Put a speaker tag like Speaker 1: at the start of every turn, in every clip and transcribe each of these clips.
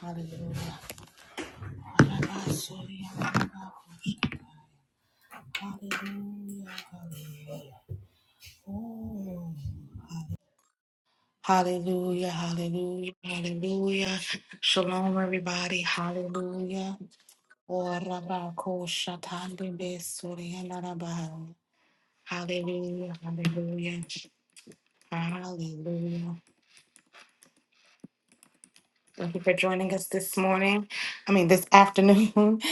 Speaker 1: Hallelujah. Hallelujah. oh, Hallelujah. Hallelujah. Hallelujah. Shalom, everybody. Hallelujah. Orabako shatande besuri yanarabaha. Hallelujah. Hallelujah. Hallelujah. Thank you for joining us this morning. I mean, this afternoon.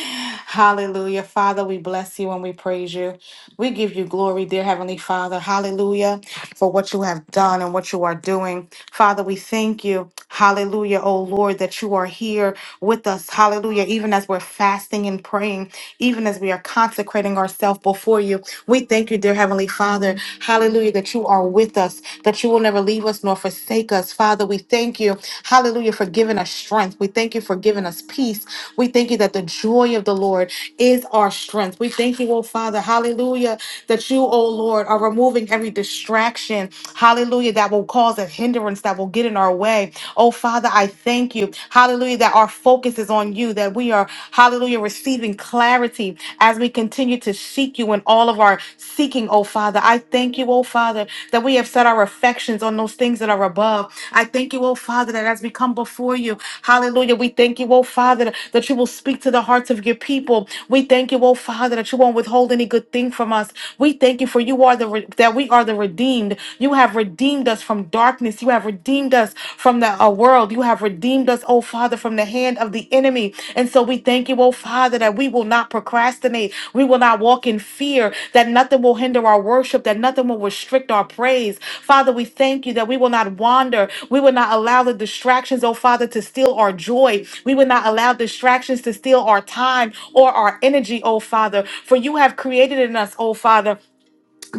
Speaker 1: Hallelujah. Father, we bless you and we praise you. We give you glory, dear Heavenly Father. Hallelujah. For what you have done and what you are doing. Father, we thank you. Hallelujah, oh Lord, that you are here with us. Hallelujah. Even as we're fasting and praying, even as we are consecrating ourselves before you, we thank you, dear Heavenly Father. Hallelujah, that you are with us, that you will never leave us nor forsake us. Father, we thank you. Hallelujah, for giving us strength. We thank you for giving us peace. We thank you that the joy of the Lord is our strength. We thank you, oh Father, hallelujah, that you, oh Lord, are removing every distraction, hallelujah, that will cause a hindrance that will get in our way. Oh Father, I thank you, hallelujah, that our focus is on you, that we are, hallelujah, receiving clarity as we continue to seek you in all of our seeking, oh Father. I thank you, oh Father, that we have set our affections on those things that are above. I thank you, oh Father, that as we come before you, hallelujah, we thank you, oh Father, that you will speak to the hearts of your people. We thank you, oh Father, that you won't withhold any good thing from us. We thank you for you are the re- that we are the redeemed. You have redeemed us from darkness. You have redeemed us from the a world. You have redeemed us, oh Father, from the hand of the enemy. And so we thank you, oh Father, that we will not procrastinate. We will not walk in fear, that nothing will hinder our worship, that nothing will restrict our praise. Father, we thank you that we will not wander. We will not allow the distractions, oh Father, to steal our joy. We will not allow distractions to steal our time or our energy, oh Father. For you have created in us, oh Father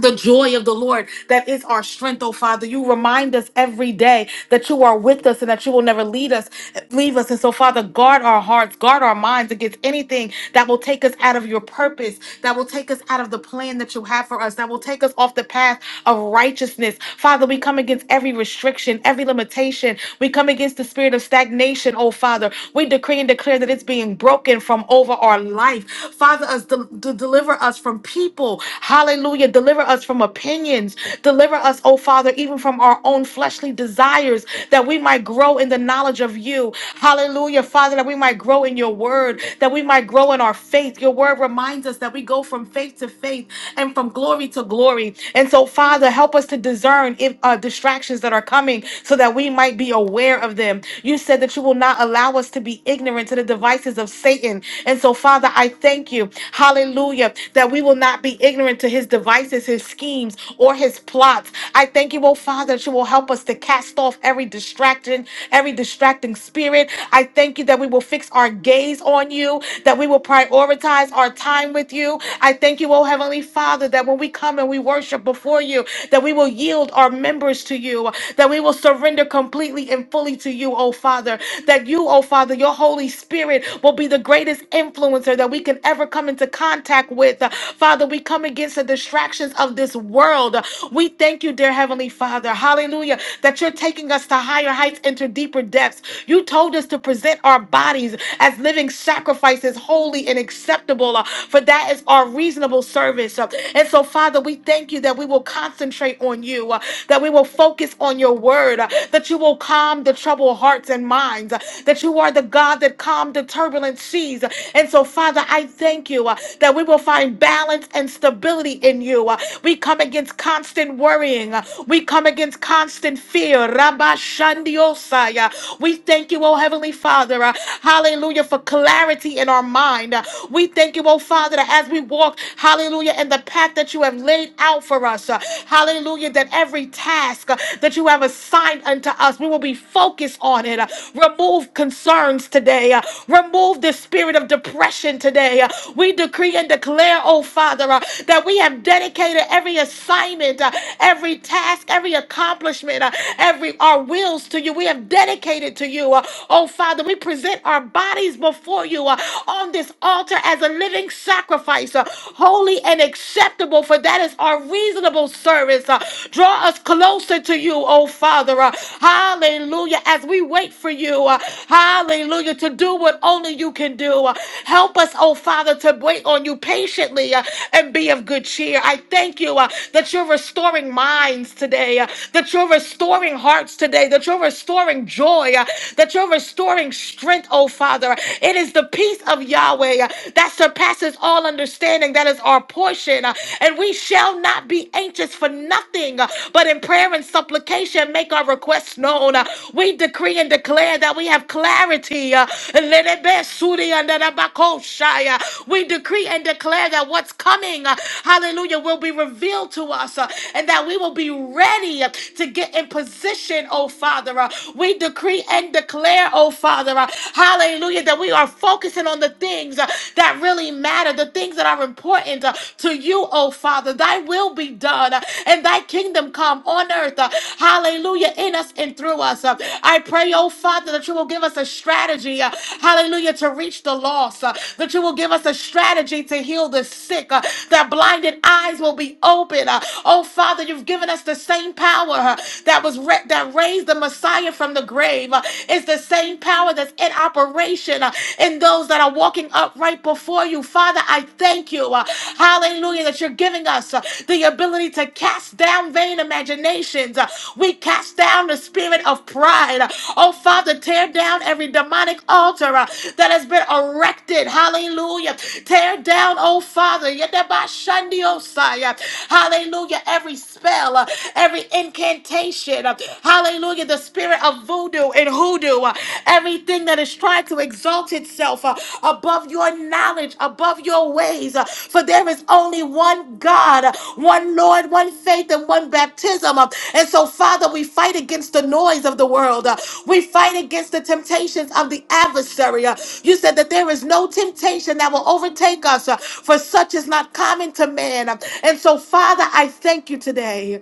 Speaker 1: the joy of the Lord that is our strength, oh Father. You remind us every day that you are with us and that you will never lead us, leave us. And so, Father, guard our hearts, guard our minds against anything that will take us out of your purpose, that will take us out of the plan that you have for us, that will take us off the path of righteousness. Father, we come against every restriction, every limitation. We come against the spirit of stagnation, oh Father. We decree and declare that it's being broken from over our life. Father, us de- de- deliver Deliver us from people. Hallelujah. Deliver us from opinions. Deliver us, oh Father, even from our own fleshly desires that we might grow in the knowledge of you. Hallelujah, Father, that we might grow in your word, that we might grow in our faith. Your word reminds us that we go from faith to faith and from glory to glory. And so, Father, help us to discern if uh, distractions that are coming so that we might be aware of them. You said that you will not allow us to be ignorant to the devices of Satan. And so, Father, I thank you, hallelujah, that we will not be ignorant to his devices, his schemes, or his plots. I thank you, oh Father, that you will help us to cast off every distraction, every distracting spirit. I thank you that we will fix our gaze on you, that we will prioritize our time with you. I thank you, oh Heavenly Father, that when we come and we worship before you, that we will yield our members to you, that we will surrender completely and fully to you, oh Father, that you, oh Father, Father. Your Holy Spirit will be the greatest influencer that we can ever come into contact with. Uh, Father, we come against the distractions of this world. Uh, We thank you, dear Heavenly Father. Hallelujah. That you're taking us to higher heights and to deeper depths. You told us to present our bodies as living sacrifices, holy and acceptable, uh, for that is our reasonable service. Uh, And so, Father, we thank you that we will concentrate on you, uh, that we will focus on your word, uh, that you will calm calm the troubled hearts and minds, uh, that you are the God that calmed the turbulent seas. And so, Father, I thank you uh, that we will find balance and stability in you. Uh, We come against constant worrying, Uh, we come against constant fear. Rabba Shandiosai. Uh, We thank you, O Heavenly Father, uh, hallelujah, for clarity in our mind. Uh, We thank you, O Father, that as we walk, hallelujah, in the path that you have laid out for us, uh, hallelujah, that every task, task uh, that you have assigned unto us. We will be focused on it. Uh, Remove concerns today. Uh, Remove the spirit of depression today. Uh, We decree and declare, oh Father, uh, that we have dedicated every assignment, uh, every task, every accomplishment, uh, every our wills to you. We have dedicated to you. Uh, Oh Father, we present our bodies before you uh, on this altar as a living sacrifice, uh, holy and acceptable, for that is our reasonable reasonable service. Uh, Draw us closer to you, oh Father. Uh, Hallelujah. As we wait for you, uh, hallelujah, to do what only you can do. Uh, Help us, oh Father, to wait on you patiently uh, and be of good cheer. I thank you uh, that you're restoring minds today, uh, that you're restoring hearts today, that you're restoring joy, uh, that you're restoring strength, oh Father. It is the peace of Yahweh uh, that surpasses all understanding. That is is our portion, uh, and we shall not be anxious for nothing, uh, but in prayer and supplication make our requests known. Uh, We decree and declare that we have clarity. uh, let it be sudi under the bakoshai, uh, We decree and declare that what's coming, uh, hallelujah, will be revealed to us, uh, and that we will be ready uh, to get in position, oh Father. uh, We decree and declare, oh Father, uh, hallelujah, that we are focusing on the things uh, that really matter, the things that are important uh, to you, oh Father. Thy will be done uh, and thy kingdom come on earth. uh, Hallelujah, in us and through us. uh. I pray, oh Father, that you will give us a strategy, uh, hallelujah, to reach the lost, uh, that you will give us a strategy to heal the sick, uh, that blinded eyes will be open. uh. Oh Father, you've given us the same power uh, that was ra- that raised the Messiah from the grave. uh, It's the same power that's in our separation uh, in those that are walking up right before you. Father, I thank you. uh, hallelujah, that you're giving us uh, the ability to cast down vain imaginations. Uh, we cast down the spirit of pride. Uh, oh, Father, tear down every demonic altar uh, that has been erected. Hallelujah. Tear down, oh, Father. Yedabashandiosai, uh, Hallelujah. Every spell, uh, every incantation. uh, Hallelujah. The spirit of voodoo voodoo and hoodoo, uh, everything that is trying to exalt itself uh, above your knowledge, above your ways. uh, For there is only one God, uh, one Lord, one faith, and one baptism. uh, And so, Father, we fight against the noise of the world. uh, We fight against the temptations of the adversary. uh, You said that there is no temptation that will overtake us, uh, for such is not common to man. uh, And so, Father, I thank you today.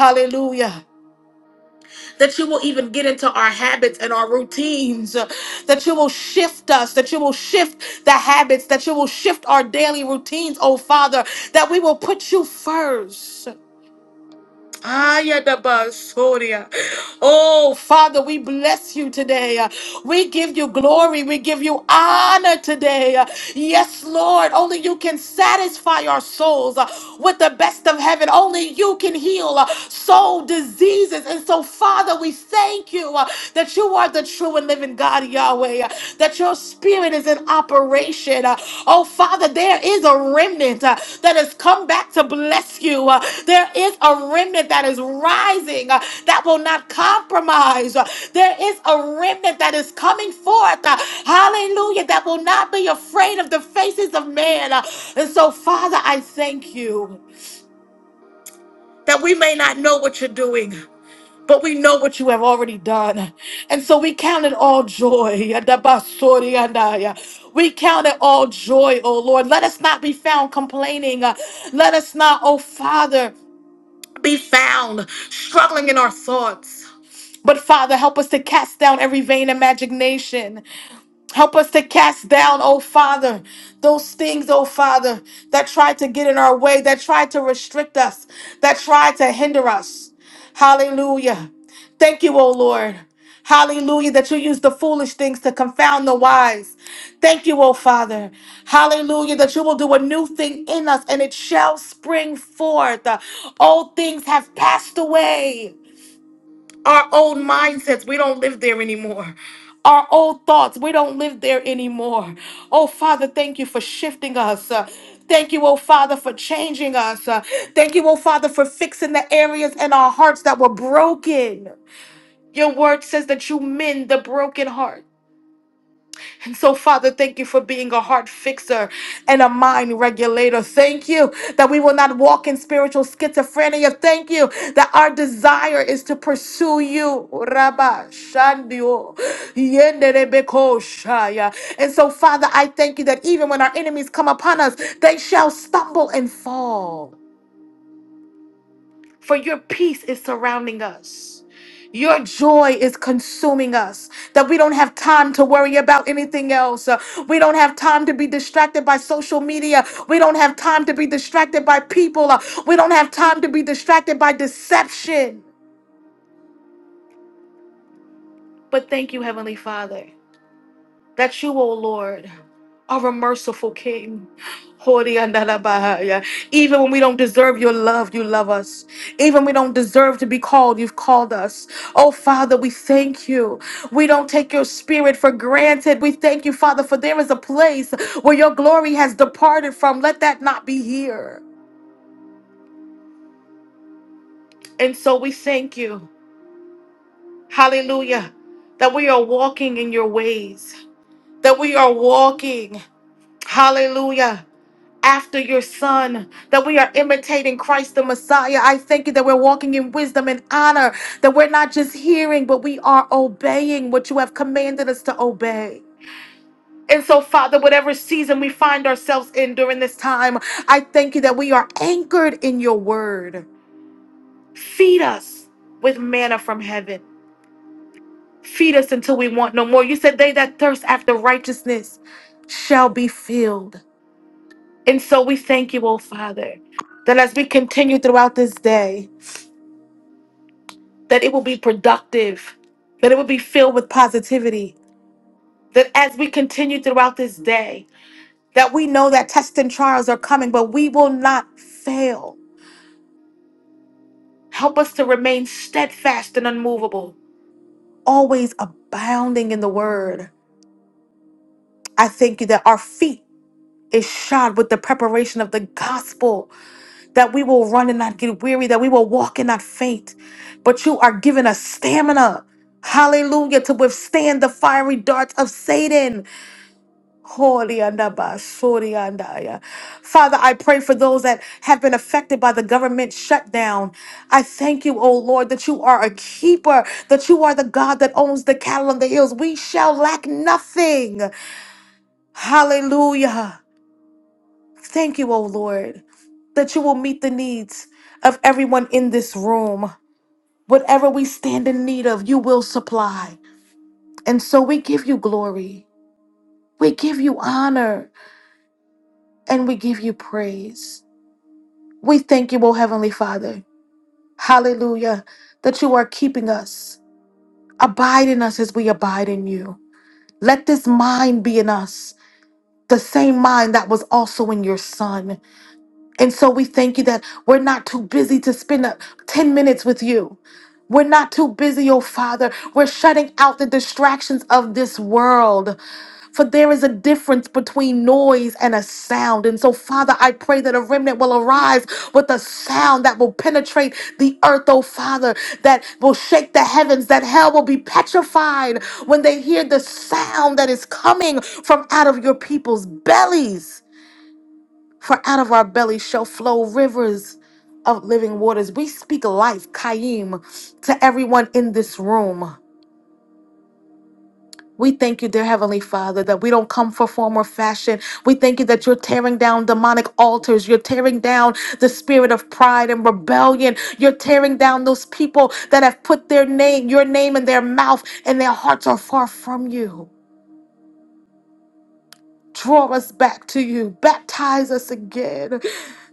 Speaker 1: Hallelujah that you will even get into our habits and our routines, uh, that you will shift us, that you will shift the habits, that you will shift our daily routines, oh Father, that we will put you first. Ayadabasoria. Oh, Father, we bless you today. We give you glory. We give you honor today. Yes, Lord, only you can satisfy our souls uh, with the best of heaven. Only you can heal uh, soul diseases. And so, Father, we thank you uh, that you are the true and living God, Yahweh that your spirit is in operation. Uh, Oh, Father, there is a remnant uh, that has come back to bless you. Uh, There is a remnant that is rising uh, that will not compromise. Uh, There is a remnant that is coming forth. uh, Hallelujah. That will not be afraid of the faces of man. Uh, And so, Father, I thank you that we may not know what you're doing. But we know what you have already done. And so we count it all joy. We count it all joy, oh Lord. Let us not be found complaining. Uh, Let us not, oh Father, be found struggling in our thoughts. But Father, help us to cast down every vain imagination. Help us to cast down, oh Father, those things, oh Father, that try to get in our way, that try to restrict us, that try to hinder us. Hallelujah. Thank you, oh Lord. Hallelujah, that you use the foolish things to confound the wise. Thank you, oh Father. Hallelujah, that you will do a new thing in us and it shall spring forth. All things have passed away. Our old mindsets, we don't live there anymore. Our old thoughts, we don't live there anymore. Oh, Father, thank you for shifting us. Uh, Thank you, oh Father, for changing us. Uh, Thank you, oh Father, for fixing the areas in our hearts that were broken. Your word says that you mend the broken heart. And So, Father, thank you for being a heart fixer and a mind regulator. Thank you that we will not walk in spiritual schizophrenia. Thank you that our desire is to pursue you. Rabba Shandio, Yenderebeko Shaya. And so, Father, I thank you that even when our enemies come upon us, they shall stumble and fall. For your peace is surrounding us. Your joy is consuming us. That we don't have time to worry about anything else. Uh, We don't have time to be distracted by social media. We don't have time to be distracted by people. Uh, We don't have time to be distracted by deception. But thank you, Heavenly Father. that you, O Lord, are a merciful King. Hori andala bahaya. Even when we don't deserve your love, you love us. Even when we don't deserve to be called, you've called us. Oh, Father, we thank you. We don't take your spirit for granted. We thank you, Father, for there is a place where your glory has departed from. Let that not be here. And so we thank you. Hallelujah. That we are walking in your ways, that we are walking. Hallelujah after your son, that we are imitating Christ the Messiah. I thank you that we're walking in wisdom and honor, that we're not just hearing, but we are obeying what you have commanded us to obey. And so, Father, whatever season we find ourselves in during this time, I thank you that we are anchored in your word. Feed us with manna from heaven. Feed us until we want no more. You said, They that thirst after righteousness shall be filled. And so we thank you, oh Father, that as we continue throughout this day, that it will be productive, that it will be filled with positivity, that as we continue throughout this day, that we know that tests and trials are coming, but we will not fail. Help us to remain steadfast and unmovable, always abounding in the word. I thank you that our feet is shod with the preparation of the gospel that we will run and not get weary, that we will walk and not faint. But you are giving us stamina, hallelujah, to withstand the fiery darts of Satan. Holy andaba, sorry andaya. Father, I pray for those that have been affected by the government shutdown. I thank you, oh Lord, that you are a keeper, that you are the God that owns the cattle on the hills. We shall lack nothing. Hallelujah. Thank you, O Lord, that you will meet the needs of everyone in this room. Whatever we stand in need of, you will supply. And so we give you glory, we give you honor, and we give you praise. We thank you, O Heavenly Father. Hallelujah, that you are keeping us. Abide in us as we abide in you. Let this mind be in us, the same mind that was also in your Son. And so we thank you that we're not too busy to spend up 10 minutes with you. We're not too busy, oh Father. We're shutting out the distractions of this world. For there is a difference between noise and a sound. And so, Father, I pray that a remnant will arise with a sound that will penetrate the earth, oh Father, that will shake the heavens, that hell will be petrified when they hear the sound that is coming from out of your people's bellies. For out of our belly shall flow rivers of living waters. We speak life, Kaim, to everyone in this room. We thank you, dear Heavenly Father, that we don't come for form or fashion. We thank you that you're tearing down demonic altars. You're tearing down the spirit of pride and rebellion. You're tearing down those people that have put their name, your name in their mouth, and their hearts are far from you. Draw us back to you. Baptize us again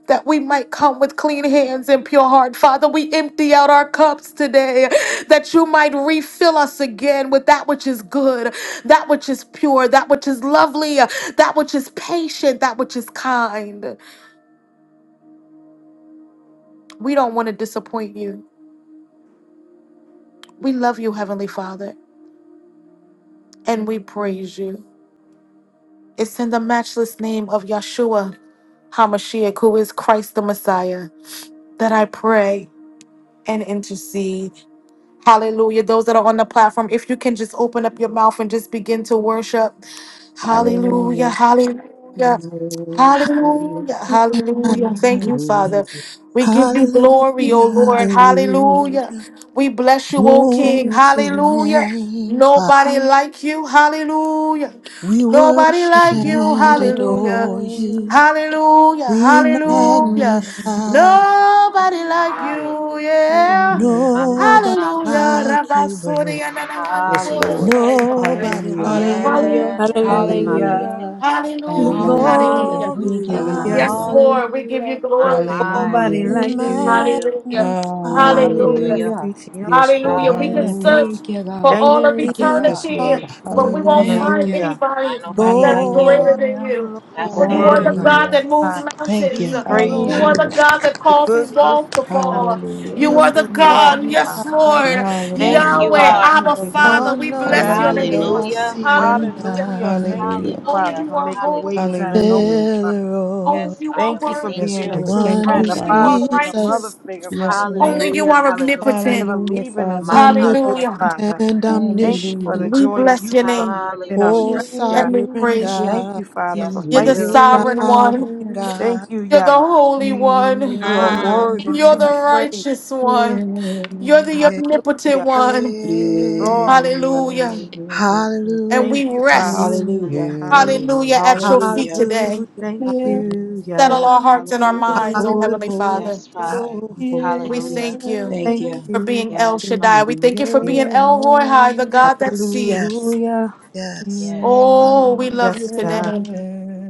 Speaker 1: that we might come with clean hands and pure heart. Father, we empty out our cups today that you might refill us again with that which is good, that which is pure, that which is lovely, that which is patient, that which is kind. We don't want to disappoint you. We love you, Heavenly Father, and we praise you. It's in the matchless name of Yeshua HaMashiach, who is Christ the Messiah, that I pray. and intercede. Hallelujah. Those that are on the platform, if you can just open up your mouth and just begin to worship. Hallelujah.
Speaker 2: Hallelujah.
Speaker 1: Hallelujah. Hallelujah. Hallelujah. Thank you, Father. We give you glory, O
Speaker 3: Hallelujah,
Speaker 1: Lord. Hallelujah.
Speaker 3: hallelujah.
Speaker 1: We bless you, O King.
Speaker 3: Glory to your
Speaker 1: Hallelujah.
Speaker 3: name, Father.
Speaker 1: Nobody like you. Hallelujah.
Speaker 3: We
Speaker 1: Nobody
Speaker 3: worship
Speaker 1: like you.
Speaker 3: and
Speaker 1: Hallelujah.
Speaker 3: adore you.
Speaker 1: Hallelujah.
Speaker 3: We
Speaker 1: Hallelujah.
Speaker 3: magnify you.
Speaker 1: Nobody like
Speaker 4: Hallelujah.
Speaker 1: you. Yeah.
Speaker 4: My, my
Speaker 3: Nobody
Speaker 4: Father, we
Speaker 1: Hallelujah.
Speaker 4: thank you.
Speaker 3: like you,
Speaker 1: Rabasuri
Speaker 3: Lord.
Speaker 1: and
Speaker 2: Yes, Lord.
Speaker 4: Hallelujah.
Speaker 1: Anamandioshaya.
Speaker 3: Nobody
Speaker 2: Hallelujah.
Speaker 3: like you.
Speaker 5: Hallelujah,
Speaker 4: Yes,
Speaker 1: Hallelujah.
Speaker 4: Father,
Speaker 2: Hallelujah.
Speaker 4: we
Speaker 5: hallelujah,
Speaker 4: thank
Speaker 6: Hallelujah.
Speaker 4: you.
Speaker 3: We
Speaker 1: Hallelujah.
Speaker 2: Hallelujah.
Speaker 5: hallelujah.
Speaker 1: Hallelujah.
Speaker 5: Thank you,
Speaker 4: Hallelujah.
Speaker 5: God.
Speaker 6: Hallelujah.
Speaker 3: glorify
Speaker 1: Yes,
Speaker 2: Hallelujah.
Speaker 4: Hallelujah.
Speaker 3: you.
Speaker 1: Lord, we give you
Speaker 5: Hallelujah,
Speaker 4: My,
Speaker 6: There's
Speaker 1: glory.
Speaker 2: Hallelujah.
Speaker 4: my, we,
Speaker 6: nobody
Speaker 3: We
Speaker 6: like you.
Speaker 4: yes, we
Speaker 5: hallelujah,
Speaker 6: Yeah.
Speaker 4: do.
Speaker 1: Hallelujah.
Speaker 3: magnify
Speaker 6: Glory
Speaker 1: Hallelujah.
Speaker 2: Hallelujah.
Speaker 4: Hallelujah.
Speaker 5: hallelujah.
Speaker 6: be to you.
Speaker 2: Yes, Lord.
Speaker 1: Hallelujah. We can
Speaker 5: Yeah,
Speaker 2: Hallelujah.
Speaker 4: Hallelujah.
Speaker 1: search
Speaker 5: thank you,
Speaker 1: for
Speaker 5: God.
Speaker 6: Thank
Speaker 1: all
Speaker 6: you.
Speaker 1: of
Speaker 6: God.
Speaker 5: Thank you,
Speaker 3: King
Speaker 2: Yes,
Speaker 5: God.
Speaker 1: eternity,
Speaker 3: of
Speaker 2: Lord.
Speaker 1: but we won't
Speaker 3: Kings,
Speaker 2: Hallelujah.
Speaker 4: Yep.
Speaker 5: Thank
Speaker 1: find
Speaker 5: you.
Speaker 6: Hallelujah.
Speaker 4: I
Speaker 1: anybody
Speaker 4: nobody
Speaker 1: that's
Speaker 5: Shandila
Speaker 4: like you.
Speaker 2: Hallelujah.
Speaker 1: greater
Speaker 3: Lord,
Speaker 1: than
Speaker 5: Mosiah.
Speaker 1: you.
Speaker 3: of Lords.
Speaker 4: That's
Speaker 6: Your
Speaker 1: For you
Speaker 5: Thank
Speaker 4: it.
Speaker 1: are
Speaker 6: word,
Speaker 5: you,
Speaker 1: the
Speaker 5: God.
Speaker 1: God
Speaker 2: Hallelujah.
Speaker 1: that moves
Speaker 6: I
Speaker 5: Thank
Speaker 1: mountains.
Speaker 5: you.
Speaker 3: We
Speaker 6: praise
Speaker 1: You are
Speaker 6: you.
Speaker 1: the
Speaker 2: Hallelujah.
Speaker 1: God
Speaker 3: glorify,
Speaker 1: that
Speaker 6: The
Speaker 1: causes
Speaker 6: good, good
Speaker 1: walls to
Speaker 6: Father.
Speaker 2: Hallelujah.
Speaker 1: fall. You
Speaker 3: we
Speaker 6: That's
Speaker 1: are
Speaker 6: who
Speaker 1: the
Speaker 6: you are.
Speaker 1: God,
Speaker 6: Yeah.
Speaker 1: yes,
Speaker 3: magnify,
Speaker 1: Lord.
Speaker 6: Thank
Speaker 4: Yes,
Speaker 6: you,
Speaker 4: you
Speaker 2: Hallelujah.
Speaker 1: Yahweh,
Speaker 6: Father.
Speaker 4: are.
Speaker 1: Abba,
Speaker 5: Thank you,
Speaker 6: There's
Speaker 5: God.
Speaker 6: none like
Speaker 1: Father,
Speaker 3: all
Speaker 1: we
Speaker 6: you at
Speaker 1: bless
Speaker 3: knowing
Speaker 6: it.
Speaker 1: your
Speaker 3: and
Speaker 1: name.
Speaker 2: Hallelujah.
Speaker 3: all
Speaker 4: Hallelujah.
Speaker 3: seeing
Speaker 1: Hallelujah.
Speaker 6: Hallelujah.
Speaker 3: God.
Speaker 6: Thank you,
Speaker 2: Hallelujah.
Speaker 1: Only
Speaker 6: Father,
Speaker 4: Hallelujah.
Speaker 1: you
Speaker 6: for
Speaker 1: are
Speaker 6: making
Speaker 1: holy.
Speaker 6: ways
Speaker 4: Hallelujah.
Speaker 6: out of nowhere.
Speaker 2: Hallelujah.
Speaker 6: Father.
Speaker 1: Only
Speaker 3: Elroy,
Speaker 4: Yes,
Speaker 1: you are
Speaker 4: Father,
Speaker 6: Thank you
Speaker 4: we
Speaker 6: for
Speaker 1: worthy.
Speaker 4: thank
Speaker 2: Yes,
Speaker 6: being
Speaker 4: you.
Speaker 6: a
Speaker 3: the
Speaker 2: Lord.
Speaker 6: true
Speaker 2: Thank
Speaker 3: one
Speaker 2: you,
Speaker 6: friend,
Speaker 3: who
Speaker 6: a
Speaker 1: Only you
Speaker 2: Father.
Speaker 6: father
Speaker 1: are
Speaker 6: figure,
Speaker 3: sees
Speaker 6: a mother
Speaker 3: us,
Speaker 1: righteous.
Speaker 6: figure,
Speaker 2: Yes,
Speaker 6: Father. Thank
Speaker 2: Lord.
Speaker 1: Only you
Speaker 6: you
Speaker 4: Hallelujah.
Speaker 1: are
Speaker 6: for
Speaker 4: Hallelujah.
Speaker 1: omnipotent.
Speaker 6: never
Speaker 2: Hallelujah,
Speaker 6: leaving us or
Speaker 4: My
Speaker 2: Father.
Speaker 4: Father.
Speaker 6: forsaking us,
Speaker 1: Hallelujah.
Speaker 3: omnipotent
Speaker 6: Father.
Speaker 3: and
Speaker 6: Thank you for
Speaker 2: Hallelujah.
Speaker 6: the
Speaker 3: omniscient,
Speaker 1: We
Speaker 6: joy of
Speaker 1: bless
Speaker 6: you
Speaker 1: your
Speaker 6: Lord,
Speaker 1: name.
Speaker 6: that's in our
Speaker 3: oh
Speaker 4: Hallelujah.
Speaker 2: Yes.
Speaker 6: strength, Yah.
Speaker 1: and we
Speaker 3: sovereign
Speaker 1: praise you.
Speaker 6: Thank
Speaker 3: God,
Speaker 6: you, Father,
Speaker 2: Yes.
Speaker 6: for
Speaker 4: Yes, we
Speaker 1: You're the
Speaker 6: fighting
Speaker 4: do.
Speaker 6: for us.
Speaker 1: sovereign one.
Speaker 3: sovereign God,
Speaker 6: Thank you,
Speaker 1: You're the
Speaker 6: Yah,
Speaker 1: holy
Speaker 6: for
Speaker 1: one.
Speaker 6: you are
Speaker 4: Mm.
Speaker 6: worthy
Speaker 3: sovereign
Speaker 1: You're
Speaker 6: to be
Speaker 1: the
Speaker 3: God.
Speaker 6: praised.
Speaker 1: righteous one. You're the
Speaker 3: Yeah,
Speaker 2: Yes.
Speaker 1: omnipotent
Speaker 6: Hallelujah.
Speaker 3: yeah,
Speaker 1: one.
Speaker 3: yeah.
Speaker 6: Glory. Hallelujah.
Speaker 2: Yes.
Speaker 1: Hallelujah.
Speaker 2: Yes.
Speaker 1: And
Speaker 3: Hallelujah,
Speaker 6: Thank
Speaker 1: we
Speaker 6: you, Father.
Speaker 4: Hallelujah.
Speaker 1: rest,
Speaker 5: Hallelujah,
Speaker 6: Hallelujah.
Speaker 1: hallelujah,
Speaker 2: Yes.
Speaker 1: at your feet
Speaker 5: hallelujah.
Speaker 1: today.
Speaker 3: hallelujah,
Speaker 6: Thank
Speaker 2: Yes.
Speaker 3: hallelujah,
Speaker 6: you,
Speaker 1: Settle
Speaker 6: Yah.
Speaker 1: our hearts and our
Speaker 4: Hallelujah.
Speaker 1: minds, oh
Speaker 3: hallelujah,
Speaker 6: Oh,
Speaker 1: Heavenly
Speaker 6: oh,
Speaker 1: Father.
Speaker 4: Yes,
Speaker 3: hallelujah.
Speaker 4: Father.
Speaker 6: oh, oh.
Speaker 1: We
Speaker 2: Yes.
Speaker 4: Hallelujah.
Speaker 1: thank you
Speaker 5: Thank
Speaker 6: Thank
Speaker 5: you.
Speaker 1: for
Speaker 6: you,
Speaker 1: being El
Speaker 4: Yes,
Speaker 1: Shaddai. We
Speaker 4: Father.
Speaker 1: thank you for
Speaker 6: yeah.
Speaker 1: being El Roy High, the God that sees.
Speaker 3: Yes.
Speaker 6: Hallelujah.
Speaker 3: Yes.
Speaker 4: Yes,
Speaker 1: Oh,
Speaker 4: Father.
Speaker 1: we love you
Speaker 6: Yes, Yah.
Speaker 1: today.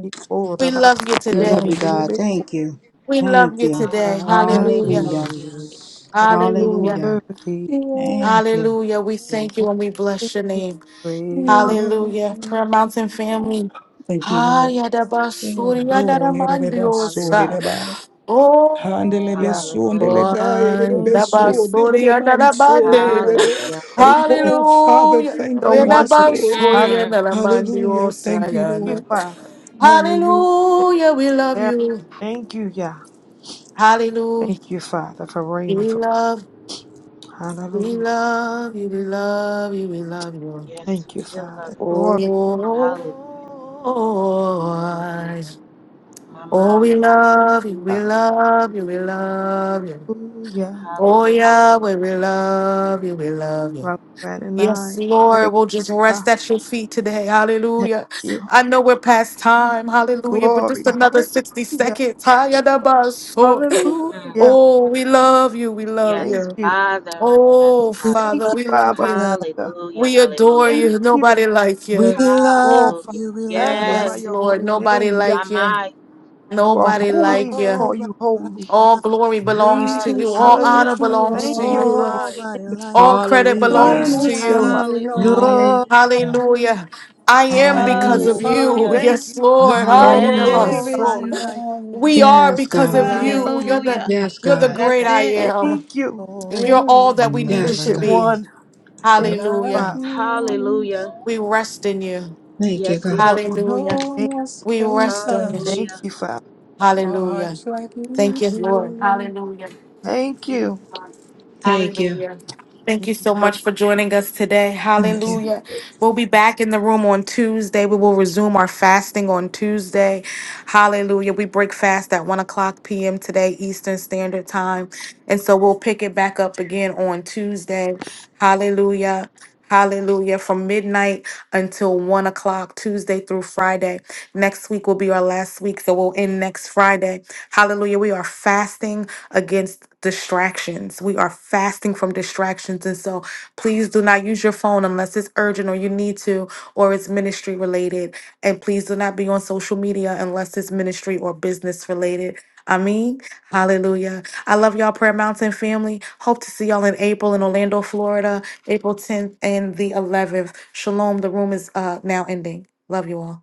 Speaker 6: He called
Speaker 1: We
Speaker 6: about
Speaker 1: love you
Speaker 5: We
Speaker 6: and
Speaker 5: love
Speaker 1: today.
Speaker 5: you, God.
Speaker 6: delivered,
Speaker 5: Thank you.
Speaker 1: We love
Speaker 5: Thank
Speaker 1: you
Speaker 5: you.
Speaker 4: Hallelujah.
Speaker 1: today.
Speaker 3: Yeah,
Speaker 6: Father.
Speaker 1: Hallelujah.
Speaker 5: Hallelujah,
Speaker 6: Oh, you're
Speaker 1: Hallelujah.
Speaker 5: hallelujah.
Speaker 6: worthy.
Speaker 5: Thank
Speaker 1: Hallelujah. We
Speaker 6: You're worthy.
Speaker 1: thank you and we
Speaker 6: Thank
Speaker 1: bless your
Speaker 6: you,
Speaker 1: name.
Speaker 6: Great.
Speaker 1: Hallelujah. Prayer Mountain family.
Speaker 2: Thank you, Lord.
Speaker 5: you.
Speaker 2: Oh, yerebaso,
Speaker 4: Hallelujah.
Speaker 1: Hayadabasuriyanaramandiyosa.
Speaker 2: yerebai.
Speaker 6: Yeah,
Speaker 1: Oh,
Speaker 2: Handelebeso,
Speaker 4: Hallelujah.
Speaker 2: ndelebai,
Speaker 6: thank you.
Speaker 2: yerebeso,
Speaker 1: ayadabasuriyanarabande.
Speaker 2: ndelebanso,
Speaker 4: Hallelujah.
Speaker 6: Faith is
Speaker 2: Oh, Father,
Speaker 1: Hallelujah.
Speaker 2: thank
Speaker 6: so
Speaker 2: you. Yes,
Speaker 6: wonderful.
Speaker 2: Lord.
Speaker 6: Hallelujah.
Speaker 4: Mm.
Speaker 2: Hallelujah. Thank
Speaker 6: Thank
Speaker 2: you,
Speaker 6: you,
Speaker 2: Lord.
Speaker 1: Vedabasuriyanaramandiyosayana.
Speaker 6: Father.
Speaker 2: Hallelujah.
Speaker 6: Thank
Speaker 1: Hallelujah. We love
Speaker 6: you.
Speaker 1: you.
Speaker 6: Thank you, yeah.
Speaker 1: Hallelujah.
Speaker 6: Thank you, Father, for reigning.
Speaker 1: We
Speaker 6: For
Speaker 1: love, we
Speaker 6: Hallelujah.
Speaker 1: love you. We love you. We love you.
Speaker 4: Yes,
Speaker 6: Thank you,
Speaker 4: we do
Speaker 6: Father.
Speaker 4: love you.
Speaker 6: Glory
Speaker 1: Oh,
Speaker 4: Hallelujah.
Speaker 1: eyes.
Speaker 4: My,
Speaker 1: oh,
Speaker 4: my.
Speaker 1: we
Speaker 6: to
Speaker 1: love you, we
Speaker 6: you.
Speaker 1: love you, we love you.
Speaker 6: Hallelujah.
Speaker 1: Oh,
Speaker 4: Hallelujah.
Speaker 1: Yahweh, we love you, we love you.
Speaker 6: Love Brad and
Speaker 1: Yes,
Speaker 6: I. Praise
Speaker 1: Lord, we'll just
Speaker 6: God.
Speaker 1: rest at your feet today.
Speaker 6: Thank
Speaker 1: Hallelujah.
Speaker 6: you.
Speaker 1: I know we're past time. Hallelujah. But
Speaker 6: Glory.
Speaker 1: just another 60
Speaker 6: Hallelujah.
Speaker 1: seconds. Hayadabaso.
Speaker 4: Mm.
Speaker 6: Hallelujah.
Speaker 1: Oh, we love you. We love
Speaker 6: Thank
Speaker 4: Yes,
Speaker 1: you.
Speaker 6: you.
Speaker 4: Father. Yes,
Speaker 1: Oh,
Speaker 3: we
Speaker 4: Father.
Speaker 1: Father,
Speaker 6: Thank you,
Speaker 3: love,
Speaker 1: we love
Speaker 6: Abba
Speaker 1: you.
Speaker 3: love.
Speaker 6: Father.
Speaker 4: Hallelujah.
Speaker 1: We adore
Speaker 4: Hallelujah.
Speaker 6: Thank
Speaker 1: you.
Speaker 6: you.
Speaker 1: Nobody like
Speaker 3: We
Speaker 1: you.
Speaker 3: love
Speaker 6: Oh, Father.
Speaker 4: Hallelujah.
Speaker 3: you. We love
Speaker 6: Magnify
Speaker 1: Yes,
Speaker 3: you.
Speaker 4: Yes.
Speaker 6: your
Speaker 1: Lord.
Speaker 6: holy
Speaker 1: Nobody
Speaker 6: name.
Speaker 4: My
Speaker 1: like you.
Speaker 4: mind.
Speaker 6: You are
Speaker 1: Nobody
Speaker 6: holy. We
Speaker 1: like you.
Speaker 6: call
Speaker 3: Nobody
Speaker 6: you
Speaker 3: like
Speaker 6: holy.
Speaker 1: All
Speaker 3: us.
Speaker 1: glory belongs
Speaker 2: We
Speaker 1: to
Speaker 2: can
Speaker 1: you. All
Speaker 6: Hallelujah.
Speaker 1: honor
Speaker 2: search
Speaker 4: Hallelujah.
Speaker 2: for
Speaker 1: belongs to
Speaker 6: Thank you
Speaker 4: My
Speaker 6: for
Speaker 1: you.
Speaker 6: your
Speaker 4: mind.
Speaker 3: Nobody
Speaker 6: wind.
Speaker 3: like
Speaker 1: All credit
Speaker 5: Hallelujah.
Speaker 1: belongs to
Speaker 3: us.
Speaker 2: eternity
Speaker 6: Hallelujah,
Speaker 1: you.
Speaker 6: Father.
Speaker 4: Hallelujah.
Speaker 2: long
Speaker 3: No.
Speaker 5: Hallelujah.
Speaker 1: Hallelujah. I am because
Speaker 2: and
Speaker 5: Hallelujah.
Speaker 1: of you.
Speaker 4: Hallelujah.
Speaker 6: Thank you.
Speaker 1: Yes,
Speaker 2: find
Speaker 1: Lord.
Speaker 5: Hallelujah.
Speaker 6: Thank
Speaker 2: there
Speaker 4: Yes.
Speaker 2: is
Speaker 1: Ayadabaso.
Speaker 3: Nobody like
Speaker 2: none
Speaker 1: We are
Speaker 6: you
Speaker 5: Yes,
Speaker 1: because
Speaker 6: for
Speaker 5: God.
Speaker 1: of
Speaker 6: being by.
Speaker 2: like
Speaker 1: you. You're
Speaker 4: Hallelujah.
Speaker 1: the
Speaker 2: you.
Speaker 5: Yes,
Speaker 1: you're the
Speaker 5: God.
Speaker 4: That's
Speaker 1: great I
Speaker 3: nobody
Speaker 4: it.
Speaker 3: like us,
Speaker 1: am.
Speaker 6: Thank you,
Speaker 1: You're
Speaker 3: Lord.
Speaker 2: There
Speaker 1: all
Speaker 2: is
Speaker 1: that we need you
Speaker 5: Yes,
Speaker 1: to
Speaker 6: Bishop
Speaker 2: none
Speaker 5: God.
Speaker 1: be.
Speaker 6: One. Thank you,
Speaker 2: like
Speaker 1: Hallelujah.
Speaker 6: Father.
Speaker 2: you.
Speaker 4: Hallelujah.
Speaker 1: We rest in you.
Speaker 5: Thank you,
Speaker 4: Yes, we
Speaker 5: God.
Speaker 4: do.
Speaker 6: Glory
Speaker 2: No
Speaker 6: be to your
Speaker 1: Hallelujah.
Speaker 6: name.
Speaker 2: one else
Speaker 1: We
Speaker 2: can
Speaker 1: rest on you.
Speaker 2: touch
Speaker 6: Thank
Speaker 4: Hallelujah.
Speaker 6: you, Father.
Speaker 2: our
Speaker 1: Hallelujah.
Speaker 2: hearts like
Speaker 1: Thank
Speaker 2: you
Speaker 1: you, Lord.
Speaker 2: do.
Speaker 1: Hallelujah.
Speaker 6: Thank you.
Speaker 5: Thank you.
Speaker 1: Hallelujah. Thank you so much for joining us today.
Speaker 5: Thank
Speaker 2: Yes,
Speaker 5: you.
Speaker 1: Hallelujah. We'll be back in the room on Tuesday. We will resume our fasting on Tuesday. Hallelujah. We break fast at 1 o'clock p.m. today, Eastern Standard Time. And so we'll pick it back up again on Tuesday. Hallelujah. Hallelujah. From midnight until 1 o'clock, Tuesday through Friday. Next week will be our last week, so we'll end next Friday. Hallelujah. We are fasting against distractions. We are fasting from distractions. And so please do not use your phone unless it's urgent or you need to or it's ministry related. And please do not be on social media unless it's ministry or business related. I mean, hallelujah. I love y'all, Prayer Mountain family. Hope to see y'all in April in Orlando, Florida, April 10th and the 11th. Shalom. The room is uh, now ending. Love you all.